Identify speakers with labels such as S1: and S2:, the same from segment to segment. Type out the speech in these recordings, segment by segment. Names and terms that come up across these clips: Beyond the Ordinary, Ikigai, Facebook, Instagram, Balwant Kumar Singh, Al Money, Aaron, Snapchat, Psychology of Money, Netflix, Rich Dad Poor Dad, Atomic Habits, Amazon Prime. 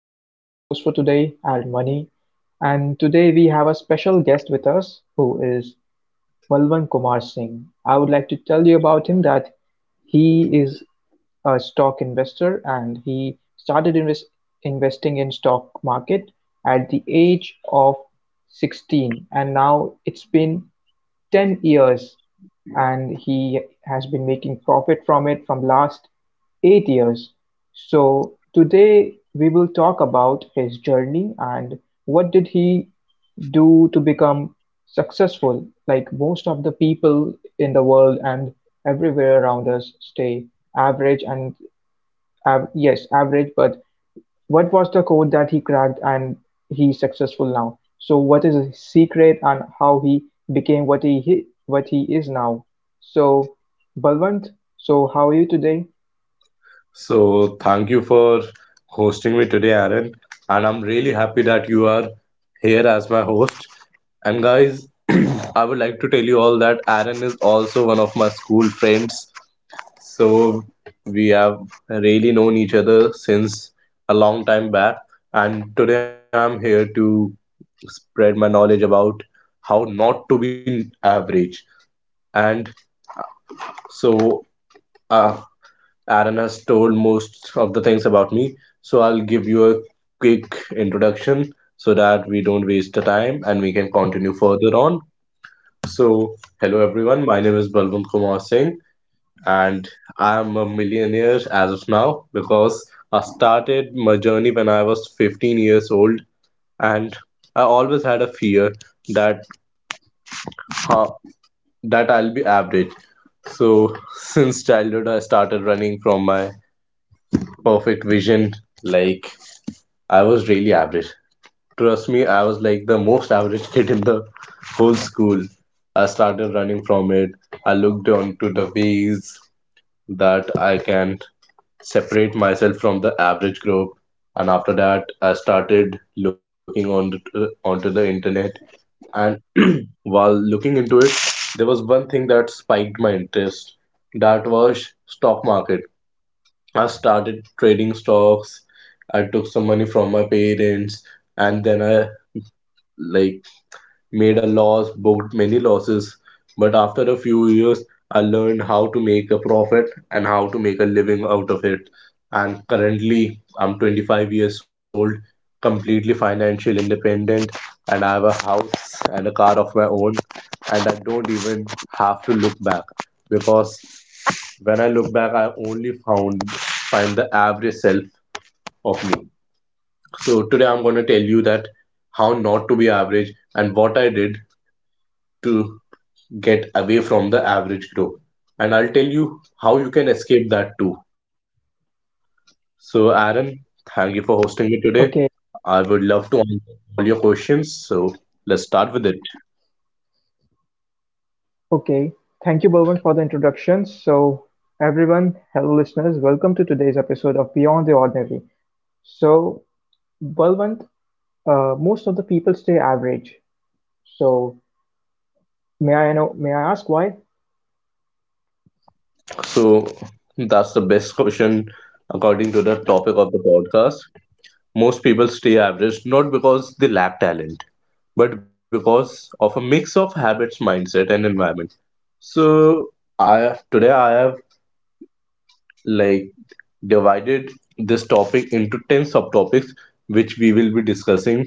S1: and I'm your host for today, Al Money. And today we have a special guest with us who is Balwant Kumar Singh. I would like to tell you about him that he is a stock investor and he started investing in stock market at the age of 16, and now it's been 10 years, and he has been making profit from it from last 8 years. So today we will talk about his journey and what did he do to become successful. Like most of the people in the world and everywhere around us stay average and yes, average, but what was the code that he cracked and he's successful now? So what is his secret and how he became what he, what he is now? So Balwant, so how are you today?
S2: So thank you for hosting me today, Aaron. And I'm really happy that you are here as my host. And guys, I would like to tell you all that Aaron is also one of my school friends. So we have really known each other since a long time back. And today I'm here to spread my knowledge about how not to be average. And so uh, Aaron has told most of the things about me, so I'll give you a quick introduction so that we don't waste the time and we can continue further on. So, hello everyone, my name is Balwant Kumar Singh and I am a millionaire as of now because I started my journey when I was 15 years old. And I always had a fear that uh, that I'll be average. So, since childhood, I started running from my perfect vision. Like, I was really average. Trust me, I was like the most average kid in the whole school. I started running from it. I looked onto the ways that I can separate myself from the average group. And after that, I started looking on onto the internet. And while looking into it, there was one thing that spiked my interest. That was stock market. I started trading stocks. I took some money from my parents and then I, like, made a loss, booked many losses. But after a few years, I learned how to make a profit and how to make a living out of it. And currently, I'm 25 years old, completely financial independent, and I have a house and a car of my own. And I don't even have to look back because when I look back, I only found find the average self of me. So today I'm going to tell you that how not to be average and what I did to get away from the average group. And I'll tell you how you can escape that too. So Aaron, thank you for hosting me today. I would
S1: Okay,
S2: love to answer all your questions. So let's start with it.
S1: okay. Thank you, Balwant, for the introduction. So everyone, hello listeners, welcome to today's episode of Beyond the Ordinary. So Balwant, most of the people stay average. So may I know? May I ask why?
S2: So that's the best question according to the topic of the podcast. Most people stay average not because they lack talent, but because of a mix of habits, mindset, and environment. So I have today I have, like, divided this topic into 10 subtopics which we will be discussing,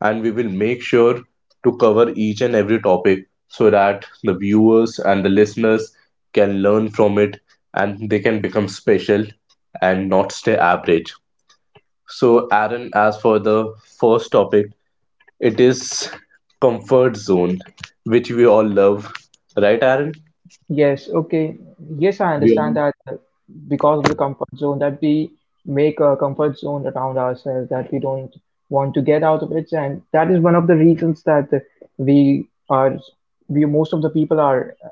S2: and we will make sure to cover each and every topic so that the viewers and the listeners can learn from it and they can become special and not stay average. So Aaron, as for the first topic, it is comfort zone, which we all love. Right, Aaron?
S1: Yes, okay. Yes, I understand
S2: We
S1: that because of the comfort zone that we make a comfort zone around ourselves, that we don't want to get out of it, and that is one of the reasons that we are we most of the people are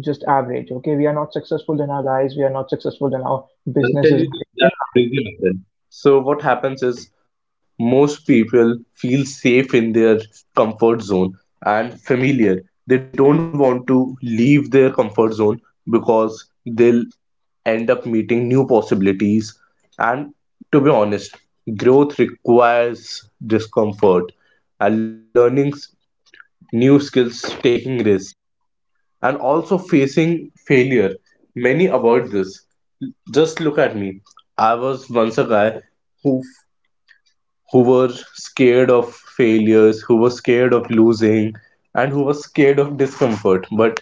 S1: just average. Okay, we are not successful in our lives, we are not successful in our
S2: I'll tell
S1: businesses
S2: you
S1: and
S2: that
S1: in life.
S2: really happened. So what happens is most people feel safe in their comfort zone and familiar. They don't want to leave their comfort zone because they'll end up meeting new possibilities. And to be honest, growth requires discomfort and learning new skills, taking risks, and also facing failure. Many avoid this, just look at me. I was once a guy who who were scared of failures, who was scared of losing, and who was scared of discomfort. But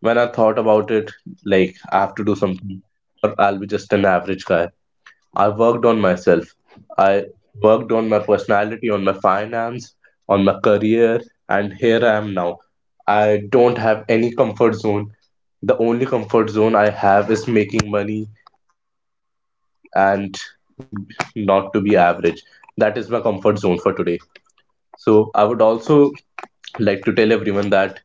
S2: when I thought about it, like I have to do something, or I'll be just an average guy. I worked on myself. I worked on my personality, on my finance, on my career, and here I am now. I don't have any comfort zone. The only comfort zone I have is making money and not to be average. That is my comfort zone for today. So I would also like to tell everyone that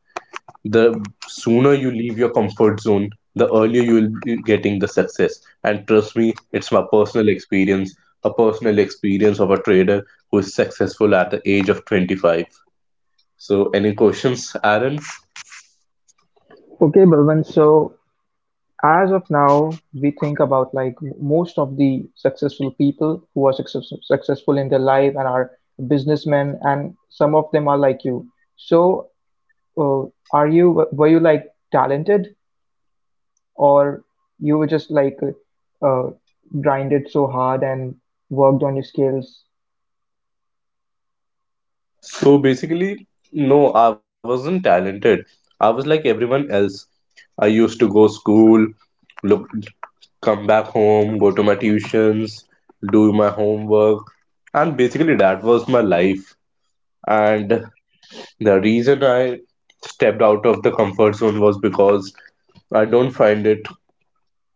S2: the sooner you leave your comfort zone, the earlier you will be getting the success. And trust me, it's my personal experience, a personal experience of a trader who is successful at the age of 25. So any questions, Aaron?
S1: Okay, Balwant, so as of now we think about like most of the successful people who are successful in their life and are businessmen, and some of them are like you. So uh, are you were you like talented, or you were just like uh, grinded so hard and worked on your skills?
S2: So basically, no, I wasn't talented. I was like everyone else. I used to go school, look come back home, go to my tuitions, do my homework, and basically that was my life. And the reason I stepped out of the comfort zone was because I don't find it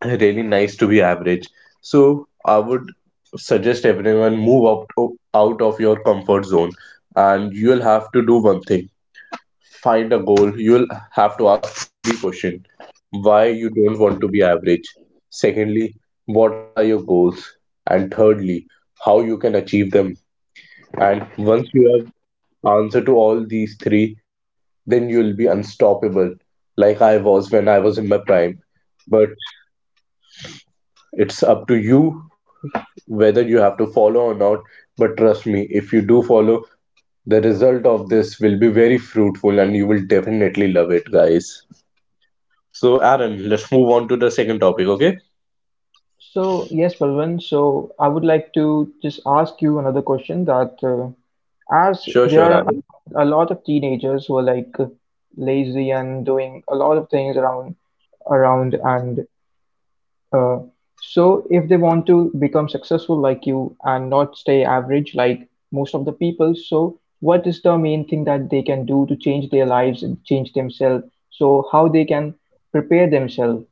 S2: really nice to be average. So I would suggest everyone move out, out of your comfort zone, and you'll have to do one thing, find a goal. You'll have to ask three questions. Why you don't want to be average? Secondly, what are your goals? And thirdly, how you can achieve them. And once you have answer to all these three, then you'll be unstoppable, like I was when I was in my prime. But it's up to you whether you have to follow or not. But trust me, if you do follow, the result of this will be very fruitful and you will definitely love it, guys. So, Aaron, let's move on to the second topic, okay?
S1: So, yes, Balwant. So, I would like to just ask you another question that as
S2: Sure,
S1: there
S2: sure,
S1: are
S2: Aaron.
S1: a lot of teenagers who are like lazy and doing a lot of things around, and uh, so if they want to become successful like you and not stay average like most of the people, so what is the main thing that they can do to change their lives and change themselves? So, how they can prepare themselves?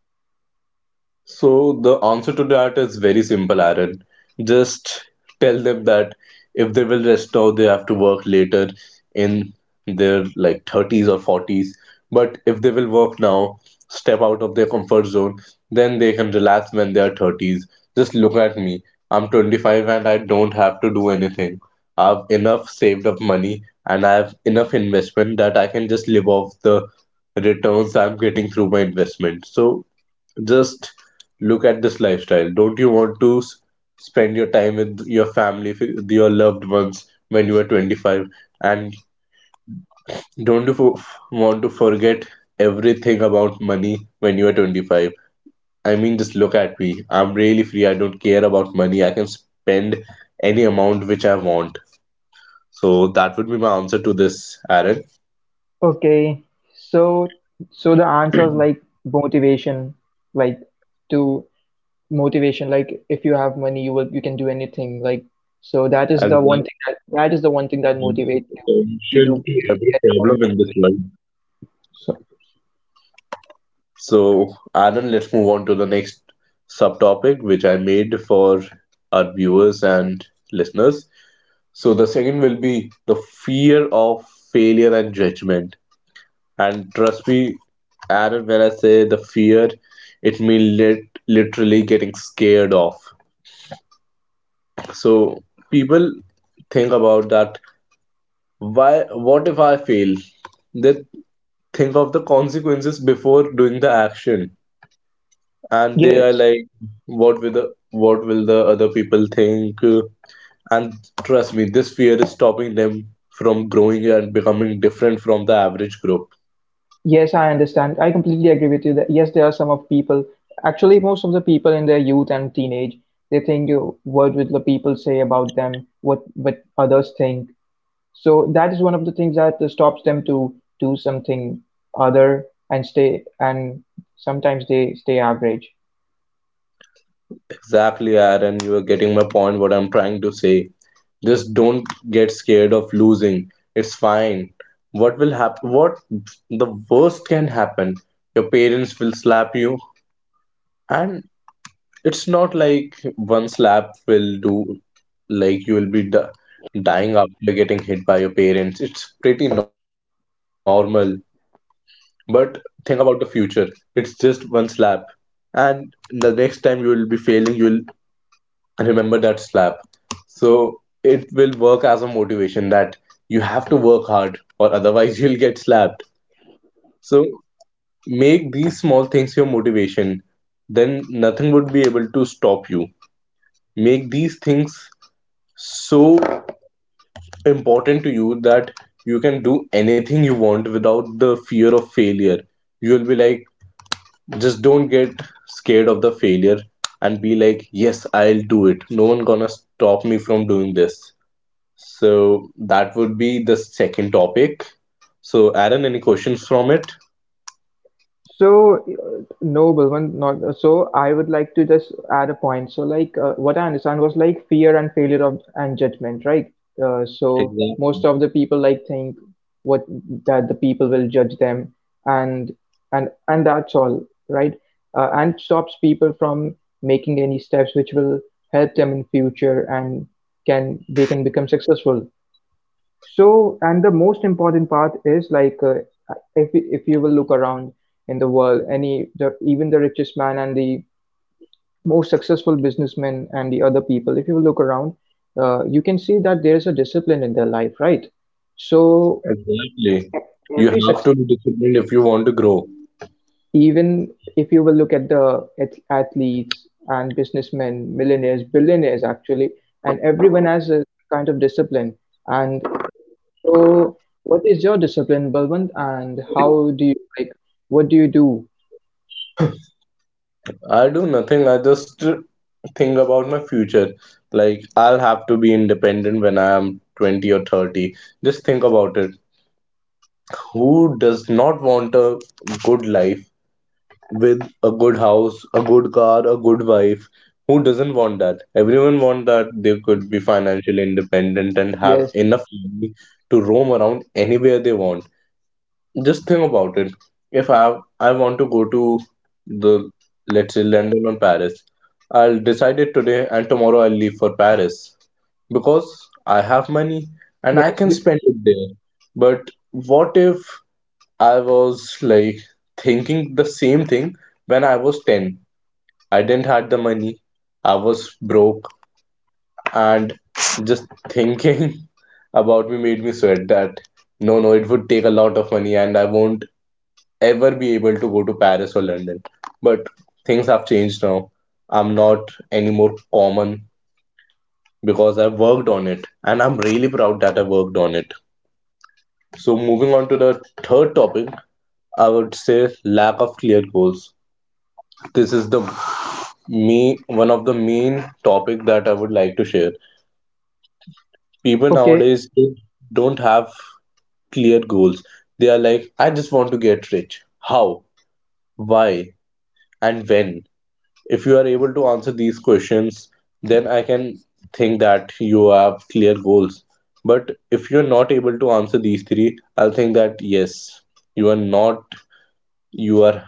S2: So the answer to that is very simple, Aaron. Just tell them that if they will rest now, they have to work later in their like 30s or 40s. But if they will work now, step out of their comfort zone, then they can relax when they are 30s. Just look at me. I'm 25 and I don't have to do anything. I've enough saved up money and I have enough investment that I can just live off the returns I'm getting through my investment. So just look at this lifestyle. Don't you want to spend your time with your family, with your loved ones when you are 25? And don't you want to forget everything about money when you are 25? I mean, just look at me. I'm really free. I don't care about money. I can spend any amount which I want. So that would be my answer to this, Aaron.
S1: Okay, so so the answer is like motivation, like to motivation, like if you have money, you will you can do anything. Like, so that is
S2: And
S1: the one
S2: that
S1: thing that
S2: is
S1: motivates
S2: the
S1: you to do
S2: solution to every
S1: get up every
S2: problem in this
S1: morning.
S2: world.
S1: So
S2: So, Aaron, let's move on to the next subtopic, which I made for our viewers and listeners. So, the second will be the fear of failure and judgment. And trust me, Aaron, when I say the fear, it means literally getting scared off. So, people think about that. Why? What if I fail? They think of the consequences before doing the action, and they are
S1: yes,
S2: like, what will the other people think? And trust me, this fear is stopping them from growing and becoming different from the average group.
S1: yes, I understand. I completely agree with you that yes, there are some of people, actually most of the people in their youth and teenage, they think what will the people say about them, what others think. So that is one of the things that stops them to do something other, and stay, and sometimes they stay average.
S2: Exactly, Aaron, you are getting my point what I'm trying to say. Just don't get scared of losing. It's fine. What the worst can happen? Your parents will slap you. And it's not like one slap will do, like you will be d dying after getting hit by your parents. It's pretty normal. But think about the future. It's just one slap. And the next time you will be failing, you will remember that slap. So it will work as a motivation that you have to work hard or otherwise you'll get slapped. So make these small things your motivation. Then nothing would be able to stop you. Make these things so important to you that you can do anything you want without the fear of failure. You'll be like, just don't get scared of the failure and be like, yes, I'll do it. No one gonna stop me from doing this. So that would be the second topic. So Aaron, any questions from it?
S1: So, no, Balwant, not so. I would like to just add a point. So, like, what I understand was like fear and failure of and judgment, right? So, most
S2: Exactly.
S1: of the people like think what, that the people will judge them, and and that's all, right? And it stops people from making any steps which will help them in future, and can they can become successful. So, and the most important part is like if you will look around in the world, any the even the richest man and the most successful businessmen and the other people, if you will look around, you can see that there is a discipline in their life, right? So
S2: Exactly. You
S1: every
S2: have
S1: success,
S2: to be disciplined if you want to grow.
S1: even if you will look at the athletes and businessmen, millionaires, billionaires actually, and everyone has some kind of discipline. And so, what is your discipline, Balwant, and how do you like what do you do?
S2: I do nothing. I just think about my future. Like, I'll have to be independent when I am 20 or 30. Just think about it. Who does not want a good life with a good house, a good car, a good wife? Who doesn't want that? Everyone want that they could be financially independent and have
S1: Yes,
S2: enough money to roam around anywhere they want. Just think about it. If I want to go to the let's say London or Paris, I'll decide it today and tomorrow I'll leave for Paris because I have money and I
S1: yes,
S2: can
S1: b
S2: spend it there. But what if I was like thinking the same thing when I was 10? I didn't had the money. I was broke and just thinking about me made me sweat that no, no, it would take a lot of money and I won't ever be able to go to Paris or London. But things have changed now. I'm not anymore common because I've worked on it and I'm really proud that I worked on it. So, moving on to the third topic, I would say lack of clear goals. This is the me one of the main topic that I would like to share. People
S1: Okay,
S2: nowadays they don't have clear goals. They are like, I just want to get rich. How? Why? And when? If you are able to answer these questions, then I can think that you have clear goals. But if you're not able to answer these three, I'll think that yes, you are not, you are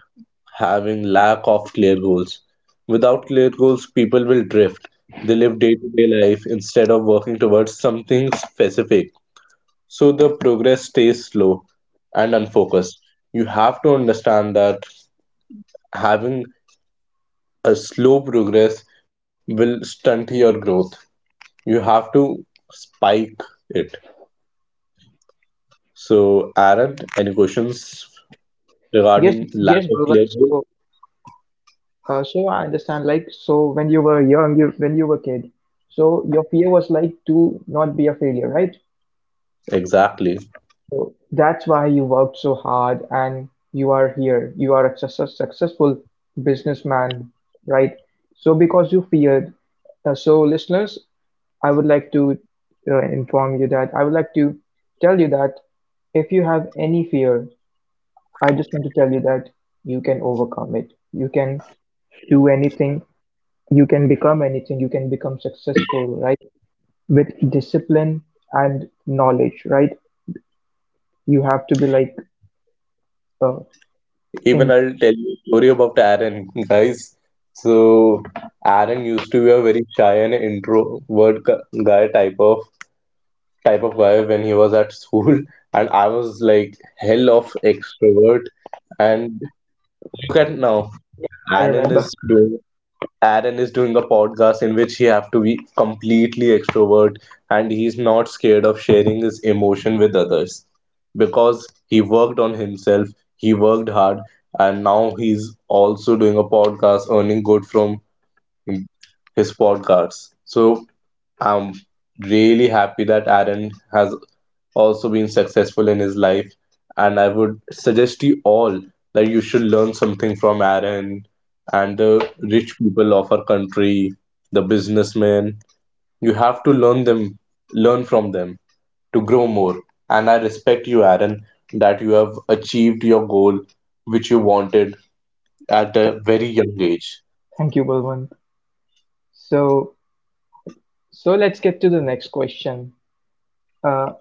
S2: having lack of clear goals. Without clear goals, people will drift. They live day to day life instead of working towards something specific, so the progress stays slow and unfocused. You have to understand that having a slow progress will stunt your growth. You have to spike it. So, Aaron, any questions
S1: yes,
S2: regarding lack
S1: yes,
S2: of clear
S1: Balwant.
S2: goal?
S1: So, so I understand. Like, so when you were young, you when you were kid, so your fear was like to not be a failure, right?
S2: Exactly.
S1: So that's why you worked so hard, and you are here. You are a successful businessman, right? So because you feared. So listeners, I would like to inform you that I would like to tell you that if you have any fear, I just want to tell you that you can overcome it. You can do anything. You can become anything. You can become successful, right? With discipline and knowledge, right? You have to be like, uh,
S2: Even
S1: indi
S2: I'll tell you a story about Aaron, guys. So, Aaron used to be a very shy and introvert gu- guy type of guy when he was at school, and I was like hell of extrovert. And look at now,
S1: yeah, I
S2: Aaron is
S1: remember.
S2: doing Aaron is doing a podcast in which he have to be completely extrovert, and he's not scared of sharing his emotion with others because he worked on himself, he worked hard, and now he's also doing a podcast, earning good from his podcasts. So I'm really happy that Aaron has also been successful in his life. And I would suggest to you all that you should learn something from Aaron and the rich people of our country, the businessmen. You have to learn them, learn from them, to grow more. And I respect you, Aaron, that you have achieved your goal which you wanted at
S1: Th-
S2: a very young age.
S1: Thank you, Balwant. So, so let's get to the next question. Uh,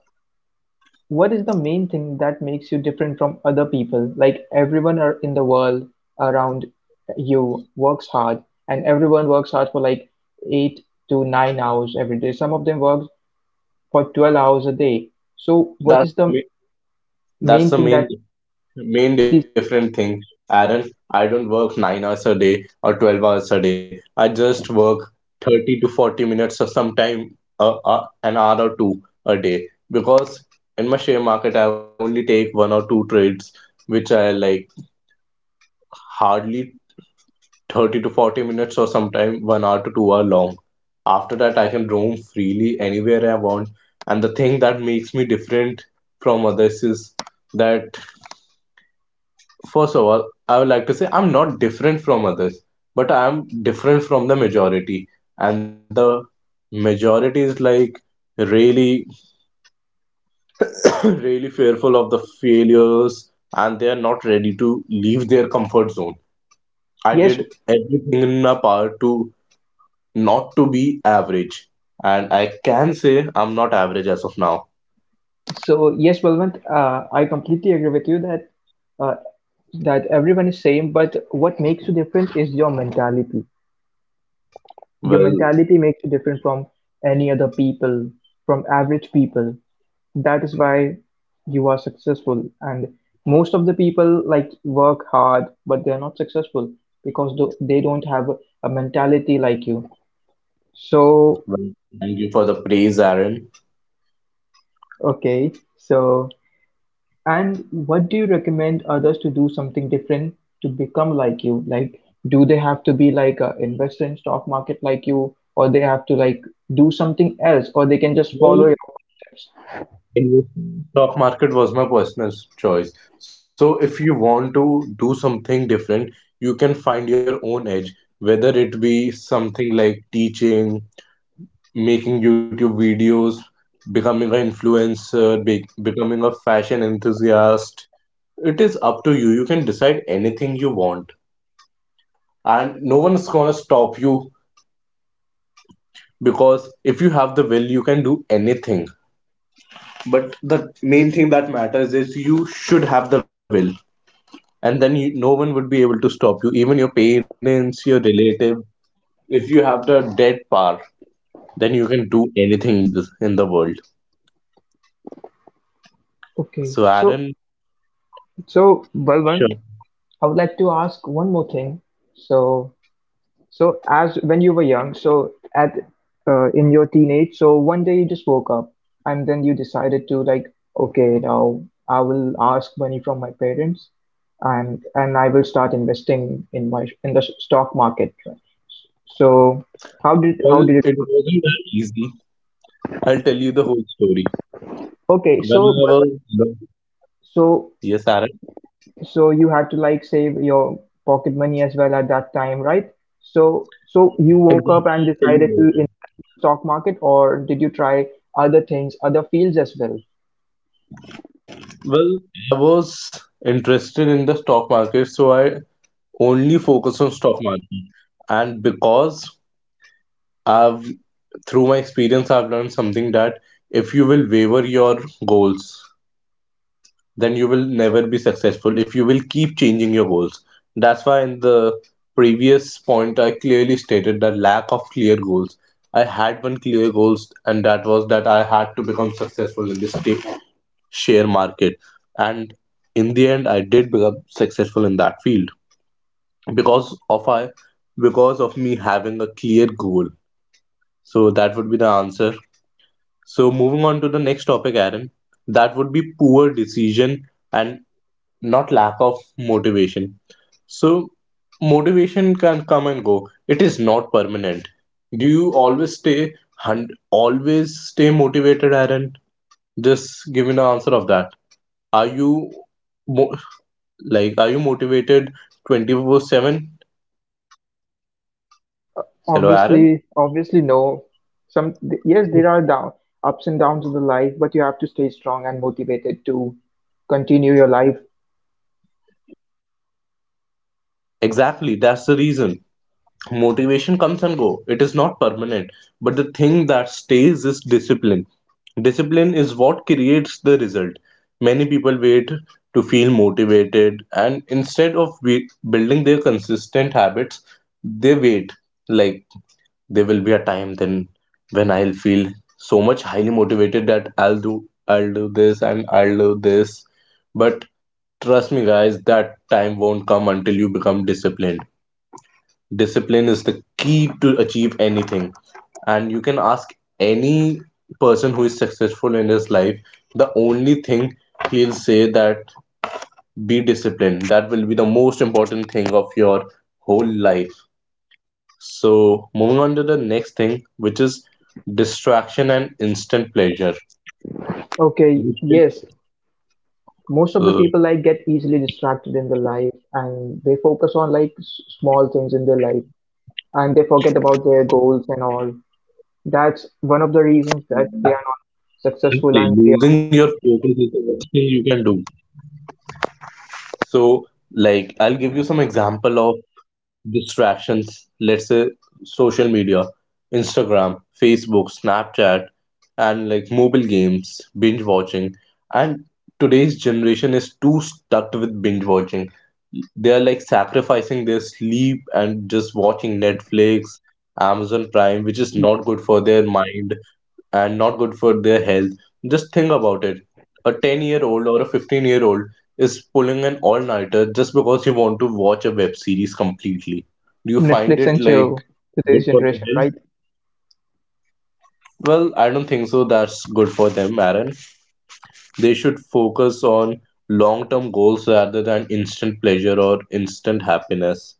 S1: What is the main thing that makes you different from other people? Like everyone in the world around you works hard, and everyone works hard for like 8 to 9 hours every day. Some of them work for 12 hours a day. So, what
S2: That's
S1: is the
S2: that's
S1: main
S2: the
S1: thing
S2: main
S1: that
S2: main
S1: these?
S2: different thing. Aaron, I don't work 9 hours a day or 12 hours a day. I just work 30 to 40 minutes or sometime an hour or two a day because in my share market, I only take one or two trades, which are like hardly 30 to 40 minutes or sometime 1 hour to 2 hour long. After that, I can roam freely anywhere I want. And the thing that makes me different from others is that, first of all, I would like to say I'm not different from others, but I'm different from the majority. And the majority is like really, really fearful of the failures, and they are not ready to leave their comfort zone. I did
S1: Yes,
S2: everything in my power to not to be average. And I can say I'm not average as of now.
S1: so yes, Balwant, I completely agree with you that uh, that everyone is same, but what makes you different is your mentality. Your
S2: Well,
S1: mentality makes you different from any other people, from average people. That is why you are successful. And most of the people like work hard, but they're not successful because they don't have a mentality like you. So,
S2: well, thank you for the
S1: the,
S2: praise, Aaron.
S1: okay, so, and what do you recommend others to do something different to become like you? Like, do they have to be like a investor in stock market like you, or they have to like do something else, or they can just follow
S2: Well,
S1: your footsteps?
S2: investing in stock market was my personal s- choice. So if you want to do something different, you can find your own edge, whether it be something like teaching, making YouTube videos, becoming an influencer, be becoming a fashion enthusiast. It is up to you. You can decide anything you want, and no one is gonna stop you, because if you have the will, you can do anything. But the main thing that matters is you should have the will. And then you, no one would be able to stop you, even your parents, your relative. If you have the dead power, then you can do anything in in the world.
S1: Okay,
S2: So
S1: so
S2: Aaron,
S1: so Balwant,
S2: sure,
S1: I would like to ask one more thing. So, so as when you were young, so at in your teenage, so one day you just woke up and then you decided to, like, okay, now I will ask money from my parents, and I will start investing in my in the stock market, right? So how did
S2: well,
S1: it
S2: it
S1: work?
S2: wasn't that easy. I'll tell you the whole story.
S1: Okay,
S2: When
S1: so
S2: I was
S1: Balwant,
S2: young-
S1: so
S2: yes Aaron,
S1: so you had to like save your pocket money as well at that time, right? So so you woke up and
S2: exactly.
S1: decided
S2: Tell
S1: to
S2: you later.
S1: invest in the stock market, or did you try other things, other fields as well?
S2: Well, I was interested in the stock market, so I only focus on stock market. And because I've through my experience, I've learned something that if you will waver your goals, then you will never be successful. If you will keep changing your goals, that's why in the previous point, I clearly stated that lack of clear goals. I had one clear goals, and that was that I had to become successful in share market. And in the end, I did become successful in that field because of I because of me having a clear goal. So that would be the answer. So moving on to the next topic, Aaron, that would be poor decision and not lack of motivation. So motivation can come and go. It is not permanent. Do you always always stay motivated, Aaron? Just give me an answer of that. Are you mo- like are you motivated 24/7? Hello, Aaron.
S1: Obviously, obviously no. Some th- yes, there are down ups and downs of the life, but you have to stay strong and motivated to continue your life.
S2: Exactly, that's the reason. Motivation comes and go, it is not permanent, but the thing that stays is discipline. Discipline is what creates the result. Many people wait to feel motivated, and instead of building their consistent habits, they wait, like, there will be a time then when I'll feel so much highly motivated that I'll do this and I'll do this. But trust me guys, that time won't come until you become disciplined. Discipline is the key to achieve anything. And you can ask any person who is successful in his life, the only thing he'll say that be disciplined. That will be the most important thing of your whole life. So, moving on to the next thing, which is distraction and instant pleasure.
S1: Okay, yes. Most of the
S2: So,
S1: people like get easily distracted in the life and they focus on like small things in their life, and they forget about their goals and all. That's one of the reasons that they are not successful
S2: exactly,
S1: and they are
S2: losing your
S1: average.
S2: focus is the worst thing you can do. So, like, I'll give you some example of distractions, let's say social media, Instagram, Facebook, Snapchat, and like mobile games, binge watching. And today's generation is too stuck with binge watching. They are like sacrificing their sleep and just watching Netflix, Amazon Prime, which is not
S1: Yes,
S2: good for their mind and not good for their health. Just think about it. A 10-year-old or a 15-year-old is pulling an all nighter just because you want to watch a web series completely. Do you find
S1: Netflix
S2: it
S1: and
S2: like
S1: chill,
S2: good
S1: today's
S2: for the
S1: generation,
S2: health?
S1: right?
S2: Well, I don't think so. That's good for them, Aaron. They should focus on long term goals rather than instant pleasure or instant happiness.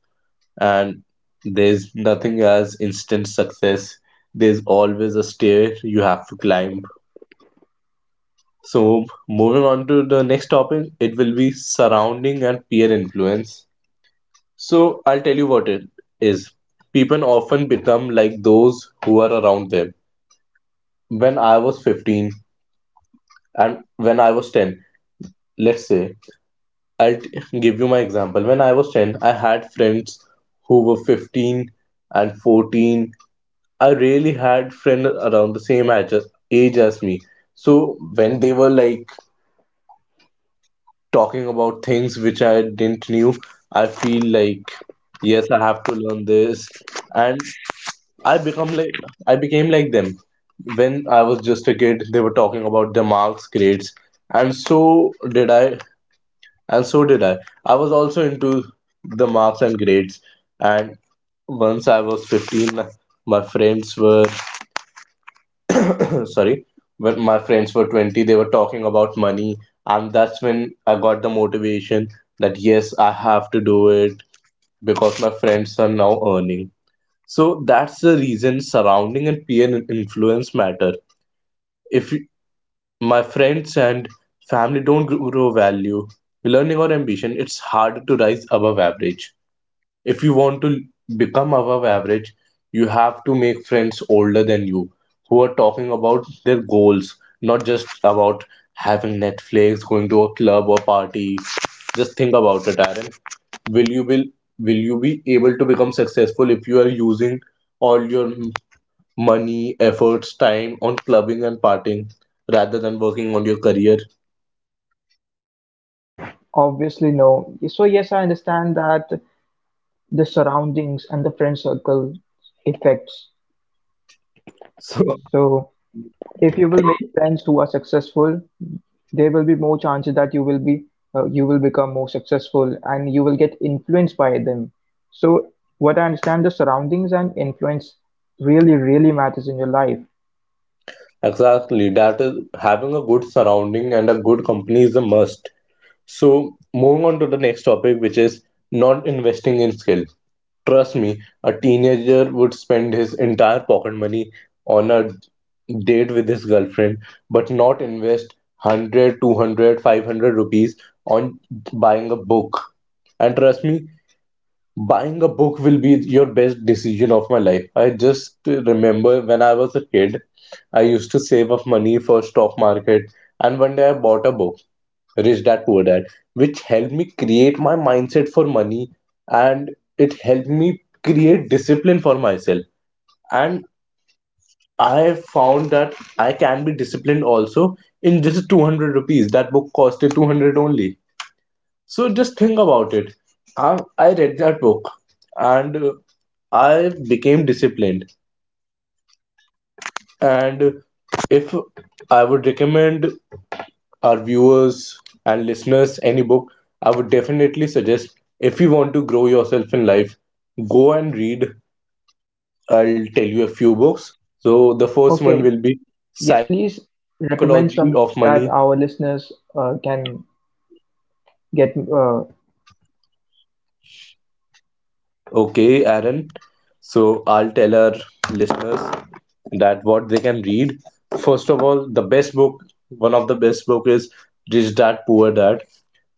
S2: And there's nothing as instant success. There's always a stair you have to climb. So, moving on to the next topic, it will be surrounding and peer influence. So, I'll tell you what it is. People often become like those who are around them. When I was 15 and when I was 10, let's say, give you my example. When I was 10, I had friends who were 15 and 14. I really had friends around the same age as me. So, when they were like talking about things which I didn't knew, I feel like yes, I have to learn this, and I become like I became like them. When I was just a kid, they were talking about the marks, grades, and so did I. And so did I. I was also into the marks and grades, and once I was 15, my friends were sorry, when my friends were 20, they were talking about money, and that's when I got the motivation that yes, I have to do it because my friends are now earning. So that's the reason surrounding and influence matter. If you- my friends and family don't grow value, learning or ambition, it's harder to rise above average. If you want to become above average, you have to make friends older than you who are talking about their goals, not just about having Netflix, going to a club or party. Just think about it, Aaron. Will will you be able to become successful if you are using all your money, efforts, time on clubbing and partying rather than working on your career?
S1: Obviously, no. So, yes, I understand that the surroundings and the friend circle affects.
S2: So
S1: So, if you will make friends who are successful, there will be more chances that you will be you will become more successful and you will get influenced by them. So, what I understand, the surroundings and influence really, really matters in your life.
S2: exactly, that is, having a good surrounding and a good company is a must. So, moving on to the next topic, which is not investing in skills. Trust me, a teenager would spend his entire pocket money on a date with his girlfriend, but not invest 100, 200, 500 rupees on buying a book. And trust me, buying a book will be your best decision of my life. I just remember when I was a kid, I used to save up money for stock market, and one day I bought a book, Rich Dad Poor Dad, which helped me create my mindset for money, and it helped me create discipline for myself. And I found that I can be disciplined also in just 200 rupees. That book costed 200 only. So just think about it. I read that book, and I became disciplined. And if I would recommend our viewers and listeners any book, I would definitely suggest, if you want to grow yourself in life, go and read. I'll tell you a few books. So the first one
S1: Okay,
S2: will be
S1: yes, please
S2: Psychology of Money.
S1: recommend some books that our listeners can get.
S2: Okay, Aaron. So I'll tell our listeners that what they can read. First of all, the best book, one of the best book is Rich Dad Poor Dad.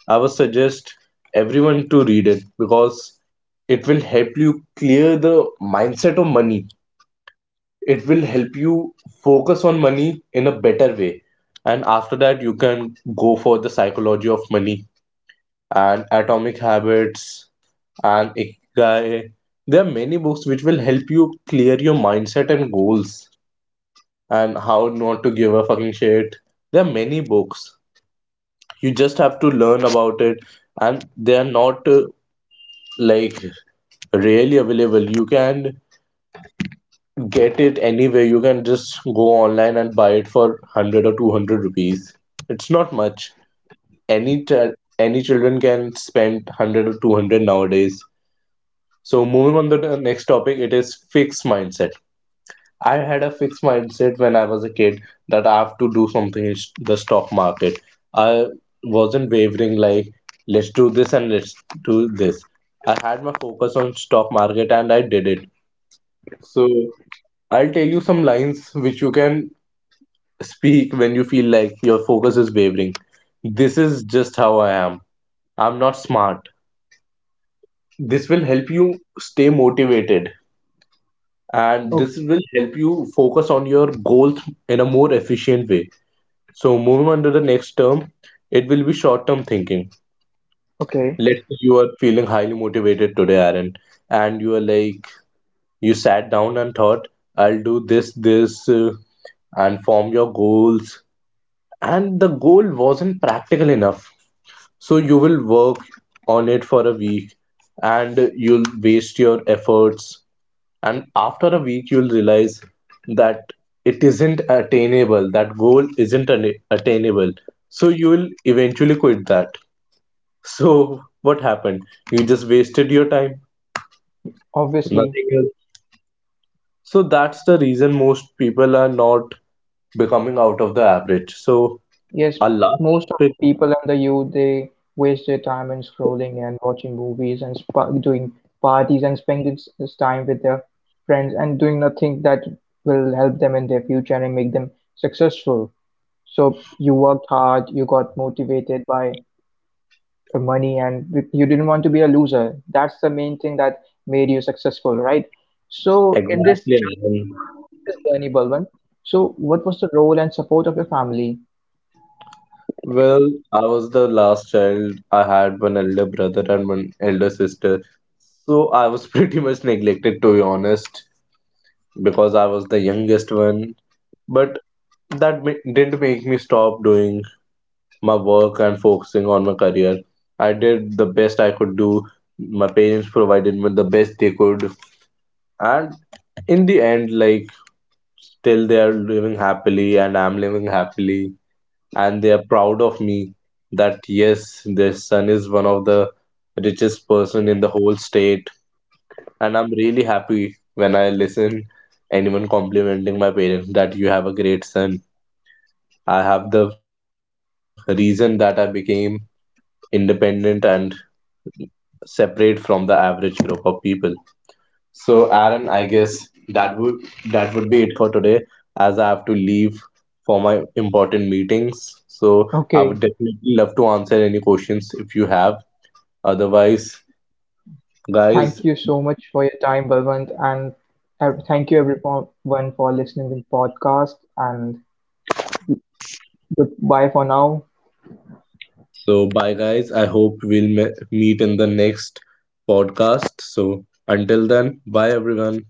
S2: I would suggest everyone to read it because it will help you clear the mindset of money. It will help you focus on money in a better way. And after that, you can go for the Psychology of Money and Atomic Habits and Ikigai. There are many books which will help you clear your mindset and goals, and how not to give a fucking shit. There are many books. You just have to learn about it, and they are not like really available. You can get it anywhere. You can just go online and buy it for 100 or 200 rupees. It's not much. Any ch- any children can spend 100 or 200 nowadays. So moving on to the next topic, it is fixed mindset. I had a fixed mindset when I was a kid that I have to do something in the stock market. I wasn't wavering like let's do this and let's do this. I had my focus on stock market and I did it. So I'll tell you some lines which you can speak when you feel like your focus is wavering. This is just how I am. I'm not smart. This will help you stay motivated, and
S1: o-
S2: this will help you focus on your goals in a more efficient way. So, moving on to the next term, it will be short term thinking.
S1: okay,
S2: Let's say you are feeling highly motivated today, Aaron, and you are like, you sat down and thought, I'll do this, this, and form your goals, and the goal wasn't practical enough, so you will work on it for a week, and you'll waste your efforts, and after a week you'll realize that it isn't attainable, that goal isn't attainable, so you will eventually quit that. So what happened? You just wasted your time,
S1: obviously,
S2: nothing else. So that's the reason most people are not becoming out of the average. So
S1: yes,
S2: a last
S1: most of the
S2: trip,
S1: people and the youth they waste their time in scrolling and watching movies and spa doing parties and spending time with their friends and doing nothing that will help them in their future and make them successful. So you worked hard, you got motivated by money, and you didn't want to be a loser. That's the main thing that made you successful, right? So in this
S2: exactly.
S1: journey, Balwant, so what was the role and support of your family?
S2: Well, I was the last child. I had one elder brother and one elder sister. So I was pretty much neglected, to be honest, because I was the youngest one. But didn't make me stop doing my work and focusing on my career. I did the best I could do. My parents provided me the best they could. And in the end, like, till they are living happily and I'm living happily, and they are proud of me, that yes, their son is one of the richest person in the whole state. And I'm really happy when I listen anyone complimenting my parents that you have a great son. I have the reason that I became independent and separate from the average group of people. So Aaron, I guess that would be it for today, as I have to leave for my important meetings. So I
S1: Okay,
S2: would definitely love to answer any questions if you have. Otherwise, guys,
S1: thank you so much for your time, Balwant, and thank you everyone for listening to the podcast, and goodbye for now.
S2: so bye, guys. I hope we'll meet in the next podcast. So until then, bye, everyone.